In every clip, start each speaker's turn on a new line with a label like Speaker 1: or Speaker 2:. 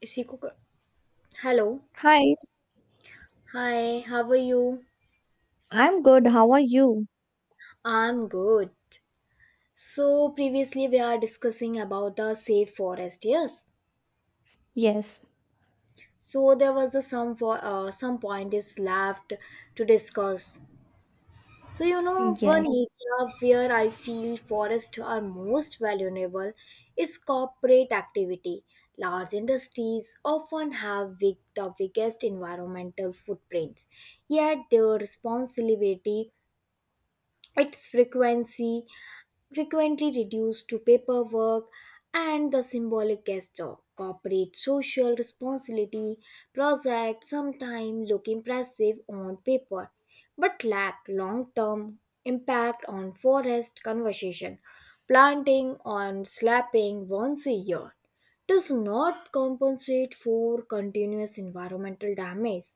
Speaker 1: Is he cook? Hello.
Speaker 2: Hi,
Speaker 1: Hi, how are you?
Speaker 2: I'm good. How are you?
Speaker 1: I'm good. So previously we are discussing about the safe forest, yes.
Speaker 2: Yes,
Speaker 1: So there was a some for some point is left to discuss. So you know one
Speaker 2: yes,
Speaker 1: area where I feel forests are most valuable is corporate activity. Large industries often have big, the biggest environmental footprints, yet their responsibility its frequency frequently reduced to paperwork and the symbolic gesture corporate social responsibility projects sometimes look impressive on paper but lack long-term impact on forest conservation planting on slapping once a year does not compensate for continuous environmental damage.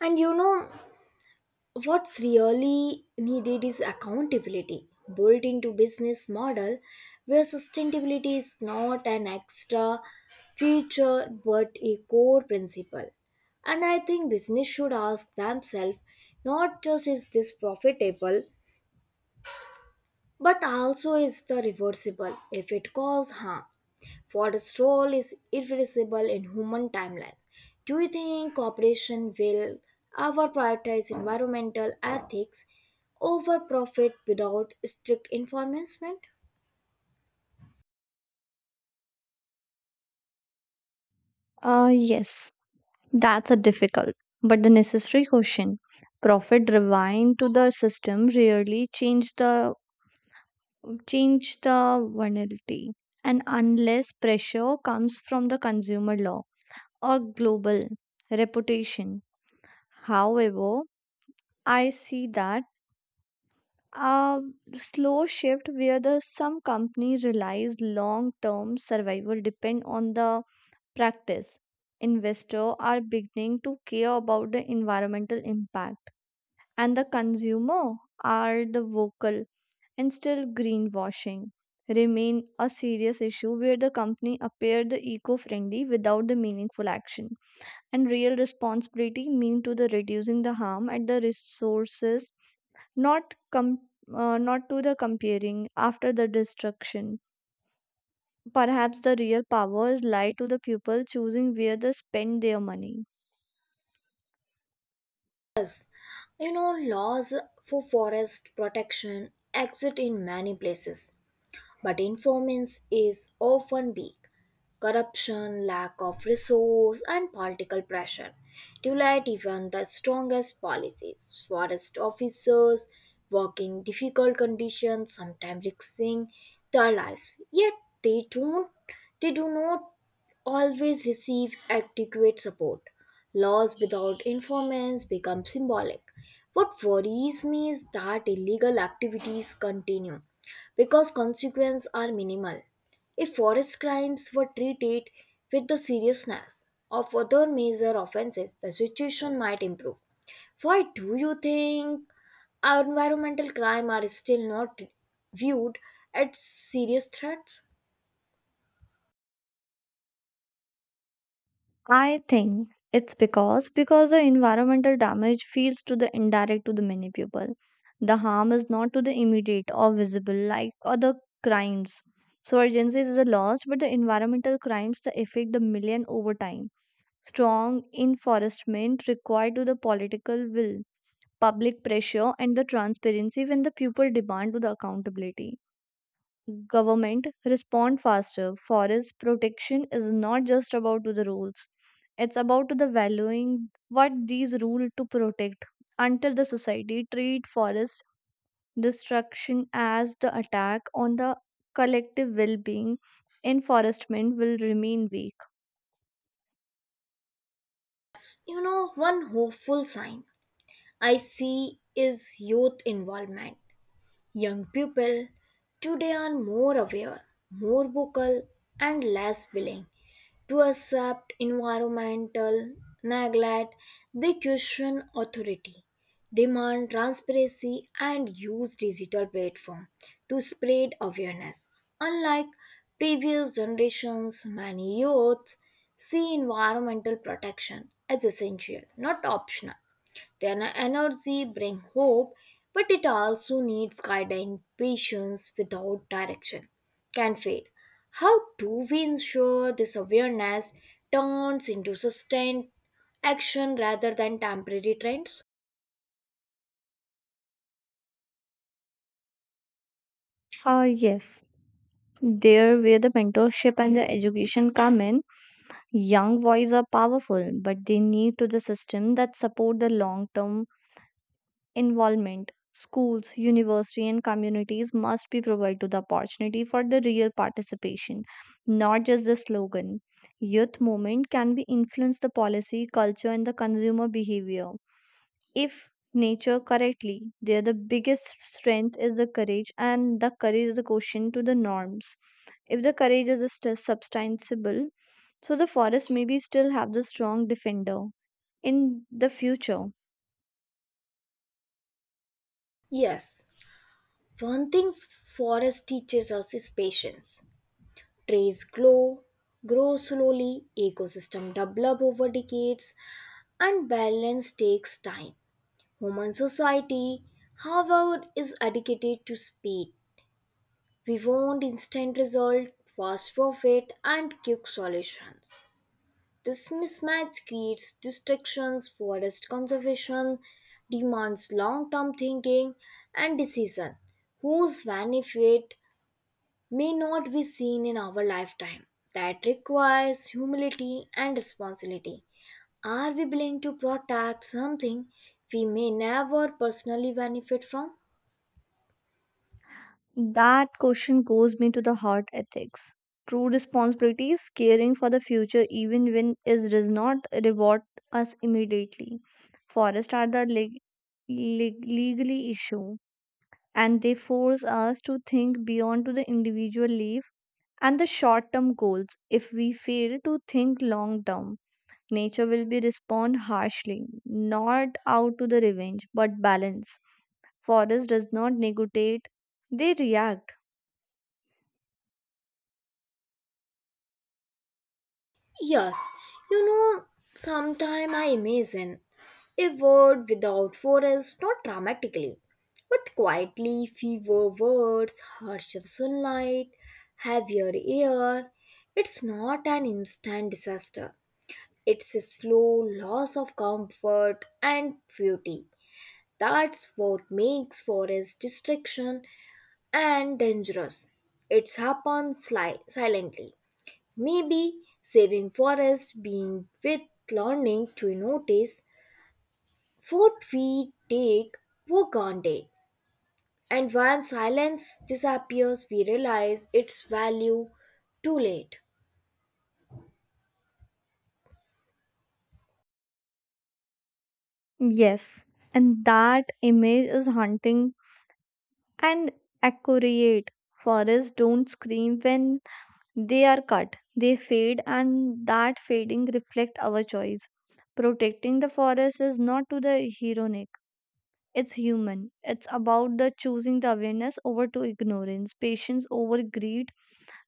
Speaker 1: And you know what's really needed is accountability built into business model where sustainability is not an extra feature but a core principle. And I think business should ask themselves not just is this profitable but also is the reversible if it causes harm. Water's role is irreplaceable in human timelines. Do you think cooperation will ever prioritize environmental ethics over profit without strict enforcement?
Speaker 2: yes. That's a difficult but the necessary question. Profit driven to the system really change the vulnerability, and unless pressure comes from the consumer law or global reputation. However, I see that a slow shift where the some company relies long term survival depend on the practice. Investors are beginning to care about the environmental impact, and the consumer are the vocal and still greenwashing remain a serious issue where the company appear the eco-friendly without the meaningful action and real responsibility mean to the reducing the harm at the resources not com- not to the comparing after the destruction. Perhaps the real powers lie to the people choosing where they spend their money.
Speaker 1: Yes, you know, laws for forest protection exist in many places, but enforcement is often weak. Corruption, lack of resource, and political pressure to let even the strongest policies. Forest officers working difficult conditions, sometimes risking their lives. Yet they don't they do not always receive adequate support. Laws without informants become symbolic. What worries me is that illegal activities continue because consequences are minimal. If forest crimes were treated with the seriousness of other major offenses, the situation might improve. Why do you think our environmental crime are still not viewed as serious threats?
Speaker 2: I think it's because the environmental damage feels to the indirect to the many people. The harm is not to the immediate or visible like other crimes. So urgency is the loss, but the environmental crimes the affect the million over time. Strong enforcement required to the political will, public pressure and the transparency when the people demand to the accountability government respond faster forest protection is not just about to the rules, it's about to the valuing what these rule to protect until the society treat forest destruction as the attack on the collective well-being enforcement will remain weak.
Speaker 1: You know, one hopeful sign I see is youth involvement. Young people today are more aware, more vocal, and less willing to accept environmental neglect. They question authority, demand transparency, and use digital platform to spread awareness. Unlike previous generations, many youth see environmental protection as essential, not optional. Then energy bring hope, but it also needs guidance, patience without direction can fade. How do we ensure this awareness turns into sustained action rather than temporary trends?
Speaker 2: Yes, there where the mentorship and the education come in young voices are powerful but they need to the system that support the long term involvement. Schools university and communities must be provided to the opportunity for the real participation, not just the slogan. Youth movement can be influence the policy culture and the consumer behavior if nature correctly there the biggest strength is the courage and the courage is the question to the norms. If the courage is still substantiable so the forest maybe still have the strong defender in the future.
Speaker 1: Yes, one thing forest teaches us is patience. Trees grow, grow slowly, ecosystem develop over decades, and balance takes time. Human society, however, is addicted to speed. We want instant result, fast profit, and quick solutions. This mismatch creates distractions, forest conservation, demands long-term thinking and decision, whose benefit may not be seen in our lifetime. That requires humility and responsibility. Are we willing to protect something we may never personally benefit from?
Speaker 2: That question goes me to the heart ethics. True responsibility is caring for the future even when it does not reward us immediately. Forests are the legally issue and they force us to think beyond to the individual leaf and the short-term goals. If we fail to think long-term, nature will be respond harshly, not out to the revenge, but balance. Forest does not negotiate, they react.
Speaker 1: Yes, you know, sometime I imagine a world without forest, not dramatically, but quietly, fewer words, harsher sunlight, heavier air. It's not an instant disaster. It's a slow loss of comfort and beauty. That's what makes forest destruction and dangerous. It happens silently. Maybe saving forests being with learning to notice what we take for granted. And when silence disappears, we realize its value too late.
Speaker 2: Yes, and that image is haunting and accurate. Forests don't scream when they are cut. They fade and that fading reflect our choice. Protecting the forest is not to the heroic. It's human. It's about the choosing the awareness over to ignorance, patience over greed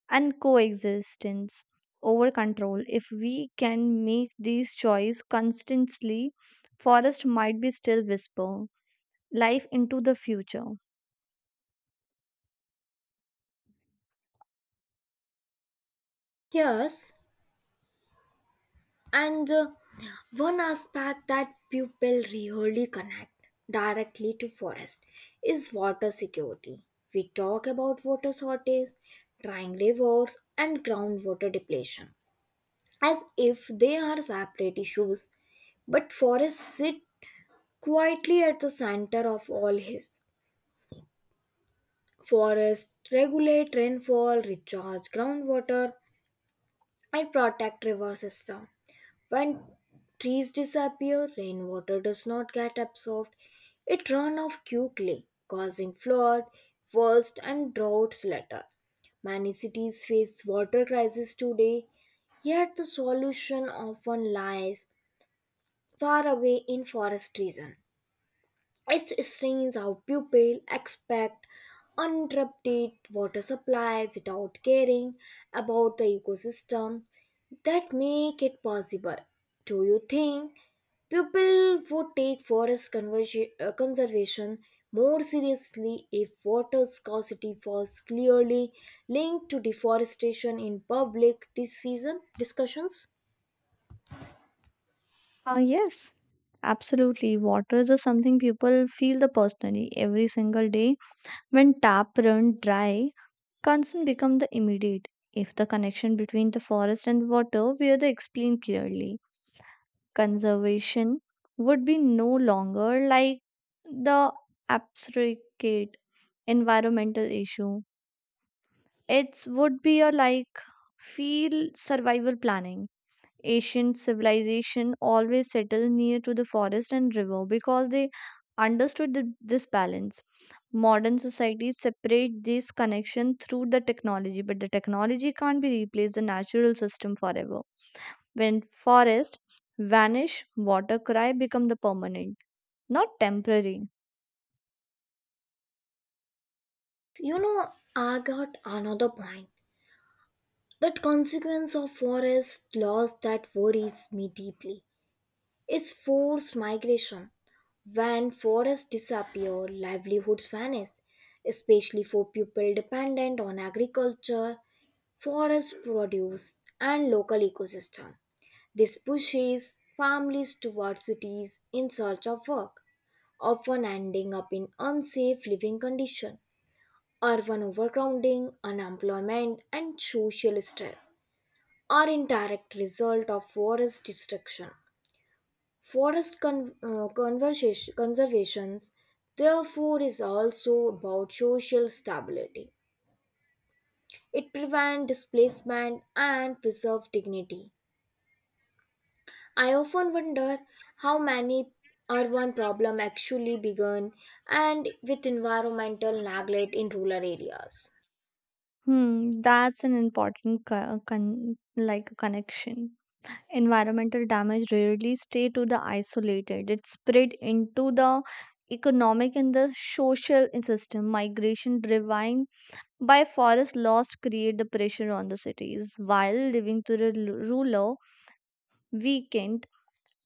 Speaker 2: and coexistence over control. If we can make these choice constantly, forest might be still whisper life into the future.
Speaker 1: Yes, and one aspect that people really connect directly to forest is water security. We talk about water shortage, drying rivers, and groundwater depletion as if they are separate issues. But forests sit quietly at the center of all his. Forests regulate rainfall, recharge groundwater, and protect river system. When trees disappear, rainwater does not get absorbed. It runs off quickly, causing flood first and droughts later. Many cities face water crisis today, yet the solution often lies far away in forest region. It's strange how people expect uninterrupted water supply without caring about the ecosystem that make it possible. Do you think people would take forest conservation more seriously if water scarcity was clearly linked to deforestation in public decision discussions?
Speaker 2: Yes, absolutely. Water is just something people feel the personally every single day. When tap run dry, concern become the immediate. If the connection between the forest and the water were the explained clearly, conservation would be no longer like the abstract environmental issue. It would be a like field survival planning. Ancient civilization always settled near to the forest and river because they understood this balance. Modern societies separate this connection through the technology but the technology can't be replaced the natural system forever. When forests vanish water cry become the permanent, not temporary.
Speaker 1: You know, I got another point. That consequence of forest loss that worries me deeply is forced migration. When forests disappear, livelihoods vanish, especially for people dependent on agriculture, forest produce, and local ecosystem. This pushes families towards cities in search of work, often ending up in unsafe living conditions, urban overcrowding, unemployment, and social stress are indirect result of forest destruction. Forest conservations, therefore, is also about social stability. It prevents displacement and preserves dignity. I often wonder how many urban problems actually began and with environmental neglect in rural areas.
Speaker 2: Hmm, that's an important like a connection. Environmental damage rarely stay to the isolated it spread into the economic and the social system. Migration driven by forest loss create the pressure on the cities while living to the rural weakened,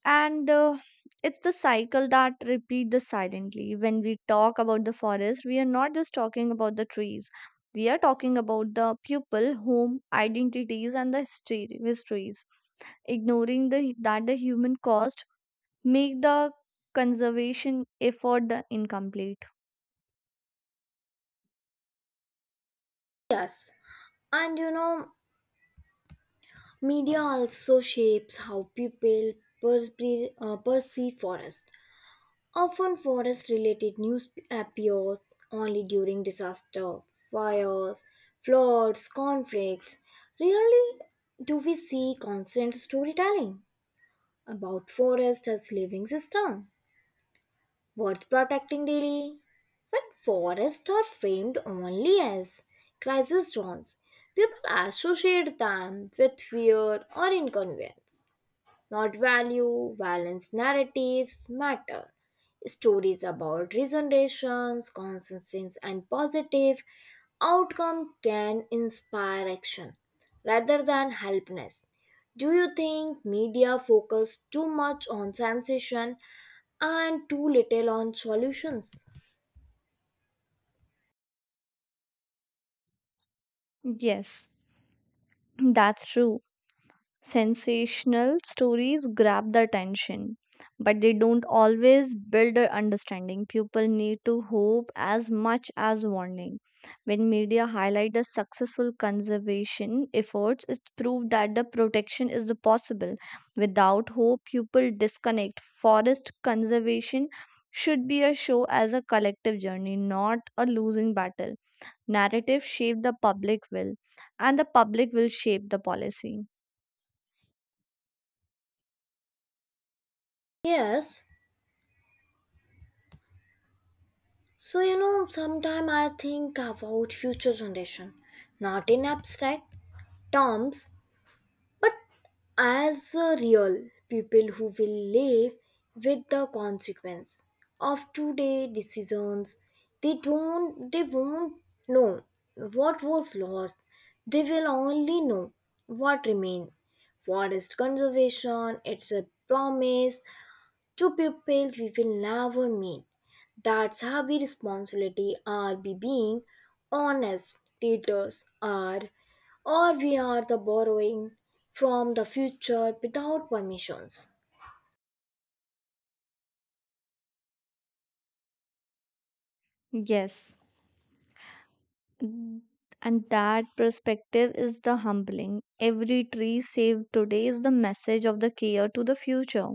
Speaker 2: and it's the cycle that repeats the silently. When we talk about the forest we are not just talking about the trees, we are talking about the people home identities and the histories ignoring the that the human cost make the conservation effort the incomplete.
Speaker 1: Yes, and you know, media also shapes how people perceive forest. Often, forest related news appears only during disaster, fires, floods, conflicts. Rarely do we see constant storytelling about forest as living system worth protecting daily. When forests are framed only as crisis zones, people associate them with fear or inconvenience not value. Balanced narratives matter. Stories about regenerations, consensus, and positive outcome can inspire action rather than helplessness. Do you think media focus too much on sensation and too little on solutions?
Speaker 2: Yes, that's true. Sensational stories grab the attention, but they don't always build a understanding. People need to hope as much as warning. When media highlight the successful conservation efforts, it's proved that the protection is the possible. Without hope, people disconnect. Forest conservation should be a show as a collective journey, not a losing battle. Narrative shape the public will, and the public will shape the policy.
Speaker 1: Yes. So you know, sometimes I think about future generation, not in abstract terms, but as a real people who will live with the consequence of today decisions. They don't they won't know what was lost. They will only know what remained. Forest conservation it's a promise. Two people we will never meet. That's how we responsibility are be being honest daters are or we are the borrowing from the future without permissions.
Speaker 2: Yes. Mm, and that perspective is the humbling. Every tree saved today is the message of the care to the future.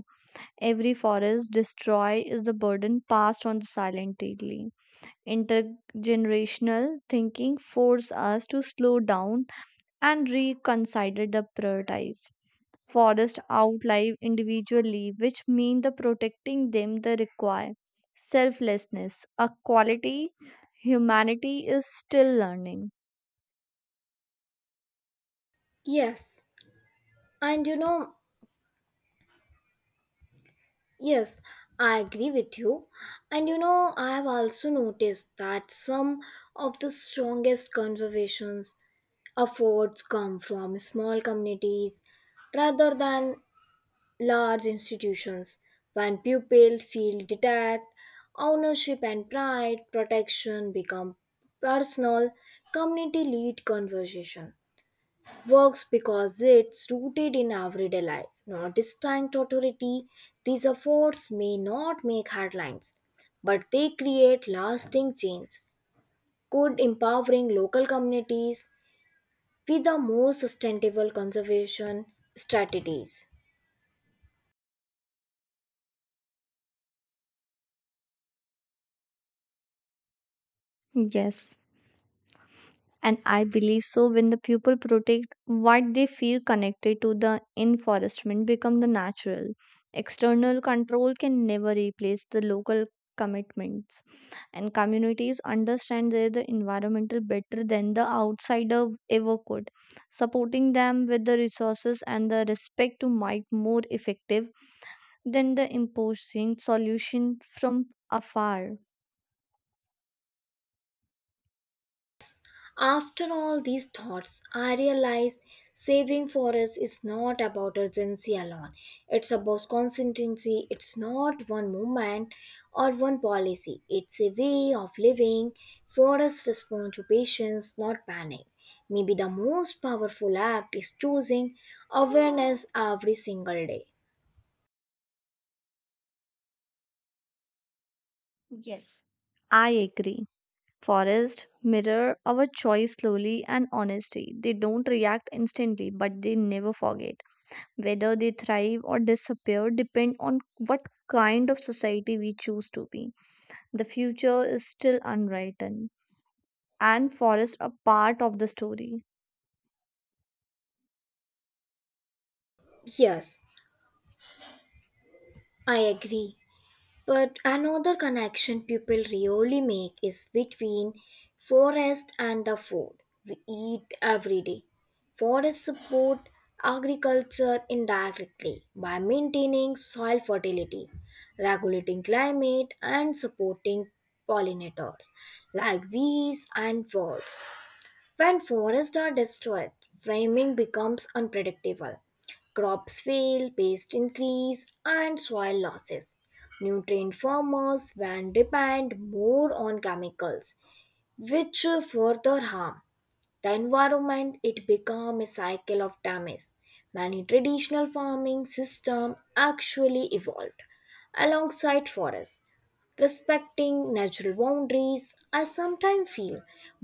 Speaker 2: Every forest destroyed is the burden passed on silently. Intergenerational thinking forces us to slow down and reconsider the priorities. Forests outlive individually, which means the protecting them the require selflessness, a quality humanity is still learning.
Speaker 1: Yes, and you know, yes, I agree with you. And you know, I have also noticed that some of the strongest conservations efforts come from small communities rather than large institutions. When pupils feel detached, ownership and pride protection become personal. Community lead conversation works because it's rooted in everyday life, not distinct authority. These efforts may not make headlines, but they create lasting change. Could empowering local communities with the most sustainable conservation strategies.
Speaker 2: Yes, and I believe so when the people protect what they feel connected to the enforcement become the natural. External control can never replace the local commitments and communities understand their the environmental better than the outsider ever could. Supporting them with the resources and the respect to might more effective than the imposing solution from afar.
Speaker 1: After all these thoughts, I realize saving forests is not about urgency alone. It's about consistency. It's not one movement or one policy. It's a way of living. Forests respond to patience, not panic. Maybe the most powerful act is choosing awareness every single day.
Speaker 2: Yes, I agree. Forests mirror our choice slowly and honestly. They don't react instantly, but they never forget. Whether they thrive or disappear depend on what kind of society we choose to be. The future is still unwritten, and forests are part of the story.
Speaker 1: Yes, I agree. But another connection people really make is between forest and the food we eat every day. Forests support agriculture indirectly by maintaining soil fertility, regulating climate, and supporting pollinators like bees and birds. When forests are destroyed, framing becomes unpredictable. Crops fail, pest increase, and soil losses. Nutrient farmers then depend more on chemicals, which further harm the environment. It become a cycle of damage. Many traditional farming system actually evolved alongside forests respecting natural boundaries. I sometimes feel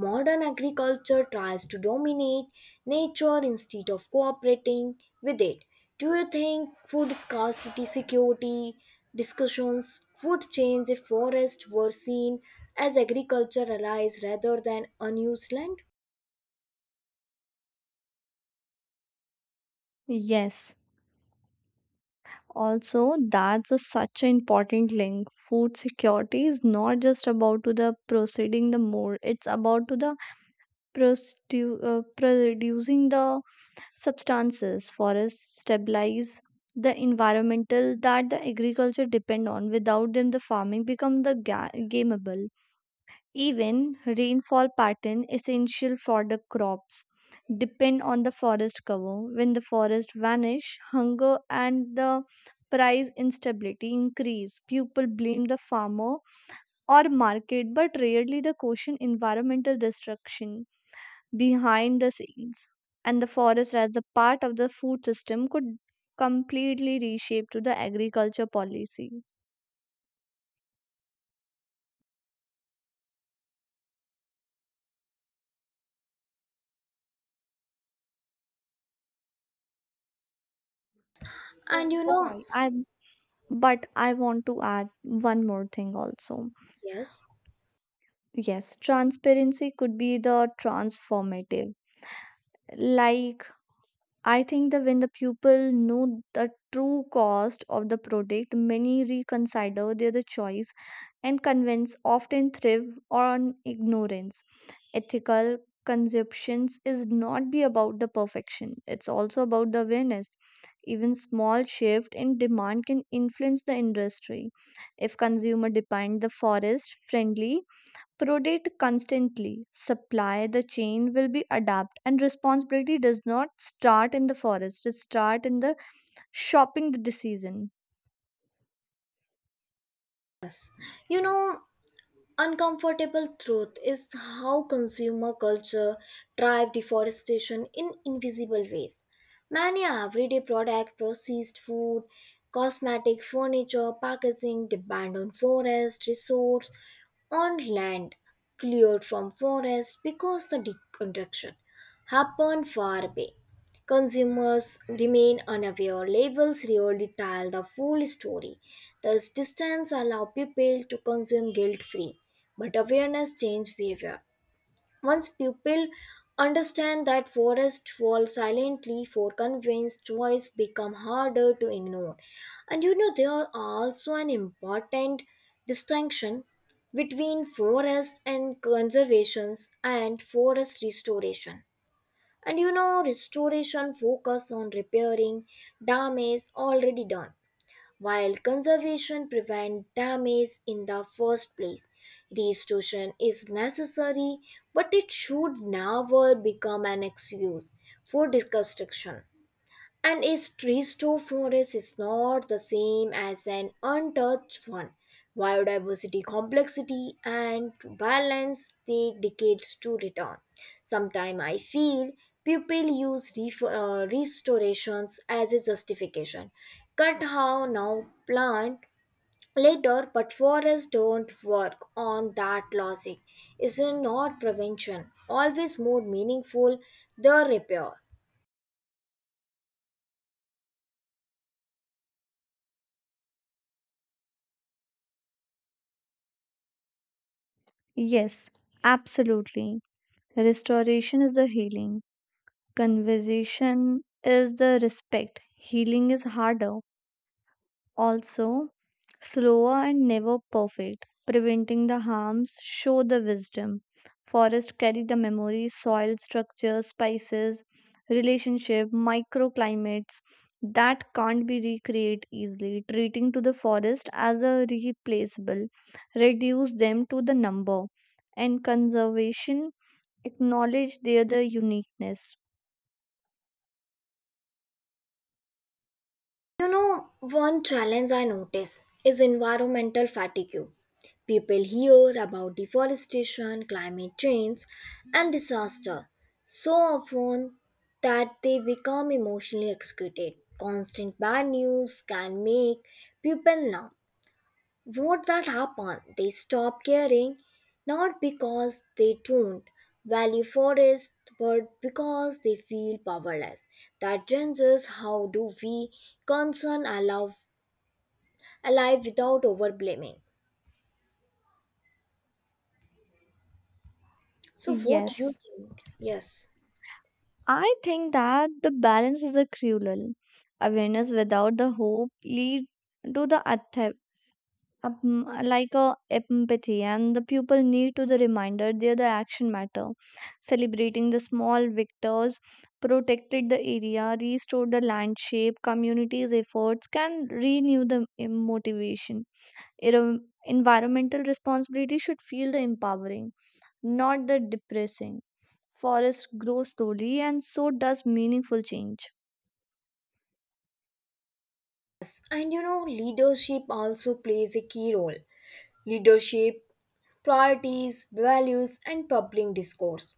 Speaker 1: modern agriculture tries to dominate nature instead of cooperating with it. Do you think food scarcity security discussions would change if forests were seen as agriculture allies rather than unused land?
Speaker 2: Yes. Also, that's a, such an important link. Food security is not just about to the proceeding the more; it's about to the producing the substances. Forests stabilize the environmental that the agriculture depend on without them the farming become the gameable. Even rainfall pattern essential for the crops depend on the forest cover. When the forest vanish hunger and the price instability increase people blame the farmer or market but rarely the question environmental destruction behind the scenes. And the forest as a part of the food system could completely reshape to the agriculture policy.
Speaker 1: And
Speaker 2: Oh
Speaker 1: you know,
Speaker 2: sorry, I but I want to add one more thing also.
Speaker 1: yes,
Speaker 2: Yes, transparency could be the transformative, like I think that when the people know the true cost of the product, many reconsider their choice and convince often thrive on ignorance. Ethical consumptions is not be about the perfection. It's also about the awareness. Even small shift in demand can influence the industry. If consumer demand the forest friendly Prodate constantly. Supply the chain will be adapt and responsibility does not start in the forest, it start in the shopping decision.
Speaker 1: you know, uncomfortable truth is how consumer culture drive deforestation in invisible ways. Many everyday product, processed food, cosmetic, furniture, packaging depend on forest resource, on land cleared from forest because the deconstruction happened far away. Consumers remain unaware. Labels rarely tell the full story. Thus, distance allows people to consume guilt free. But awareness changes behavior. Once people understand that forests fall silently for convenience, choice become harder to ignore. And you know, there are also an important distinction between forest and conservations and forest restoration. And you know, restoration focus on repairing damage already done, while conservation prevent damage in the first place. Restoration is necessary, but it should never become an excuse for destruction. An restored forest is not the same as an untouched one. Biodiversity complexity and balance take decades to return. Sometimes I feel people use restorations as a justification. Cut how now plant later, but forests don't work on that logic. Is not prevention always more meaningful the repair?
Speaker 2: Yes, absolutely. Restoration is the healing. Conversation is the respect. Healing is harder, also slower and never perfect, preventing the harms, show the wisdom. Forest carry the memories, soil structure, spices, relationship, microclimates that can't be recreated easily. Treating to the forest as a replaceable, reduce them to the number, and conservation acknowledge their the uniqueness.
Speaker 1: You know, one challenge I notice is environmental fatigue. People hear about deforestation, climate change, and disaster so often that they become emotionally excited. Constant bad news can make people numb, what that happen? They stop caring, not because they don't value forests, but because they feel powerless. That changes how do we concern our alive without overblaming. So what you
Speaker 2: Yes.
Speaker 1: think? Yes.
Speaker 2: I think that the balance is a cruel. Awareness without the hope lead to the like a empathy and the people need to the reminder they are the action matter celebrating the small victors protected the area restored the landscape communities efforts can renew the motivation. Environmental responsibility should feel the empowering, not the depressing. Forests grow slowly, and so does meaningful change.
Speaker 1: And you know, leadership also plays a key role. Leadership, priorities, values, and public discourse.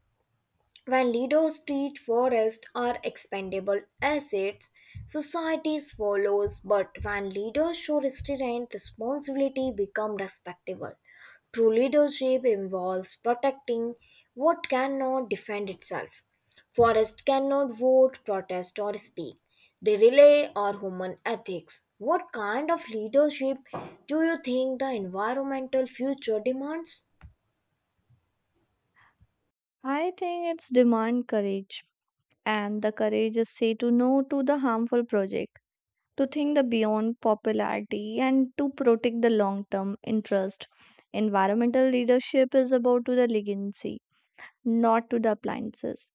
Speaker 1: When leaders treat forests are expendable assets, society follows. But when leaders show restraint, responsibility become respectable. True leadership involves protecting what cannot defend itself. Forests cannot vote, protest, or speak. They rely on human ethics. What kind of leadership do you think the environmental future demands?
Speaker 2: I think it's demand courage, and the courage is say to no to the harmful project, to think the beyond popularity, and to protect the long-term interest. Environmental leadership is about to the legacy, not to the appliances.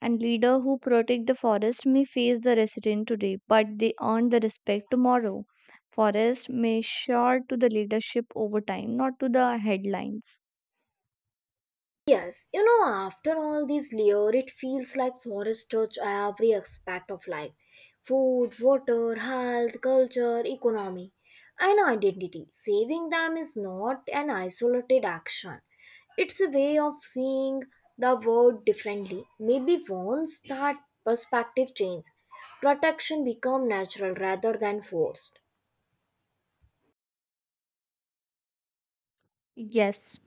Speaker 2: And leader who protect the forest may face the resident today, but they earn the respect tomorrow. Forest may sure to the leadership over time, not to the headlines.
Speaker 1: Yes, you know, after all these layer, it feels like forests touch every aspect of life food, water, health, culture, economy, and identity. Saving them is not an isolated action, it's a way of seeing the world differently. Maybe once that perspective changes, protection becomes natural rather than forced.
Speaker 2: Yes,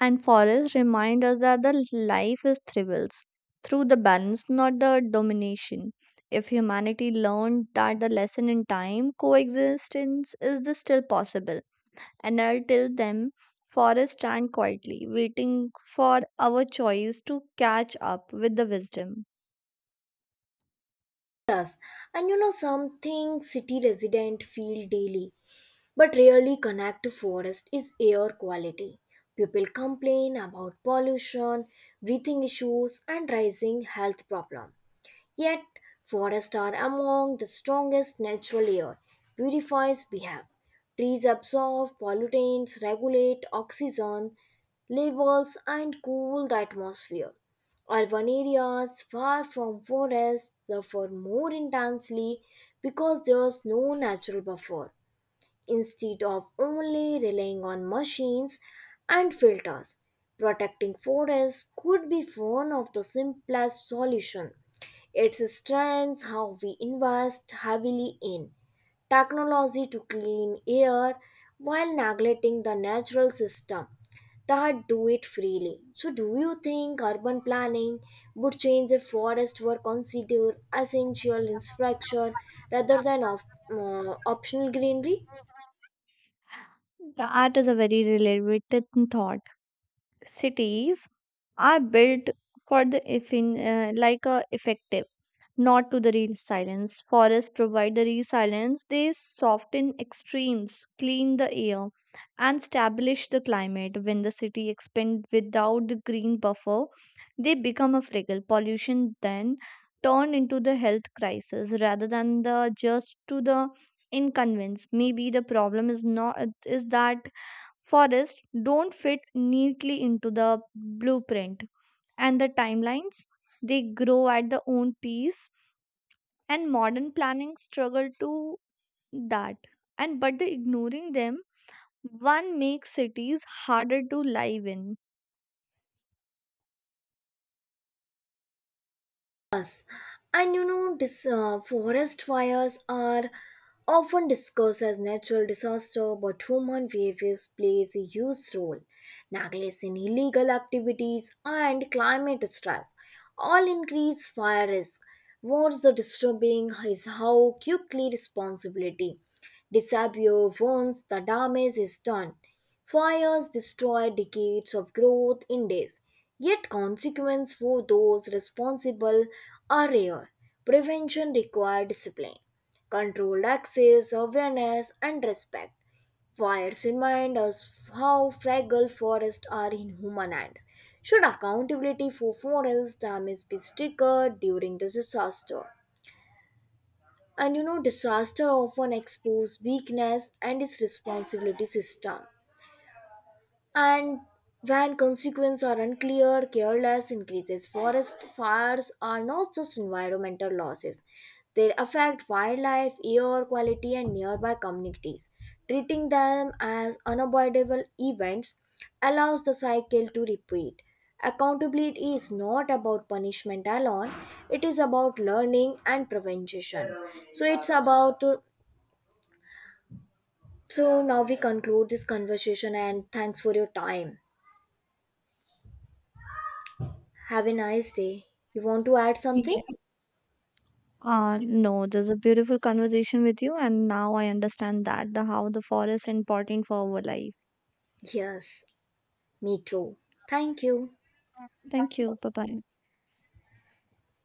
Speaker 2: and forests remind us that the life is thrives through the balance, not the domination. If humanity learned that the lesson in time, coexistence is the still possible. And until then, forests stand quietly, waiting for our choice to catch up with the wisdom.
Speaker 1: And you know something city resident feel daily but rarely connect to forest is air quality. People complain about pollution, breathing issues and rising health problem. Yet, forests are among the strongest natural air purifiers we have. Trees absorb pollutants, regulate oxygen levels, and cool the atmosphere. Urban areas far from forests suffer more intensely because there's no natural buffer instead of only relying on machines and filters. Protecting forests could be one of the simplest solutions. Its strength how we invest heavily in technology to clean air while neglecting the natural system that do it freely. So do you think urban planning would change if forests were considered essential infrastructure rather than optional greenery?
Speaker 2: That is a very related thought. Cities are built for the like a effective, not to the real silence. Forests provide the real silence. They soften extremes, clean the air, and establish the climate. When the city expand without the green buffer, they become a fragile. Pollution then turned into the health crisis rather than the just to the inconvenience. Maybe the problem is not is that forests don't fit neatly into the blueprint and the timelines. They grow at their own pace and modern planning struggle to that and but the ignoring them one makes cities harder to live in.
Speaker 1: And you know, forest fires are often discussed as natural disaster, but human behaviors plays a huge role. Negligence in illegal activities and climate stress all increase fire risk. What's the disturbing is how quickly responsibility disappear once the damage is done. Fires destroy decades of growth in days, yet consequences for those responsible are rare. Prevention requires discipline, controlled access, awareness, and respect. Fires remind us how fragile forests are in human hands. Should accountability for forest damage be stricter during the disaster? And you know, disaster often expose weakness and its responsibility system and when consequences are unclear, careless increases. Forest fires are not just environmental losses, they affect wildlife, air quality, and nearby communities. Treating them as unavoidable events allows the cycle to repeat. Accountability is not about punishment alone, it is about learning and prevention. So, it's about. So, now we conclude this conversation and thanks for your time. Have a nice day. You want to add something?
Speaker 2: Yes. Uh no, there's a beautiful conversation with you and now I understand that the how the forest is important for our life.
Speaker 1: Yes, me too. Thank you.
Speaker 2: Thank you, bye bye.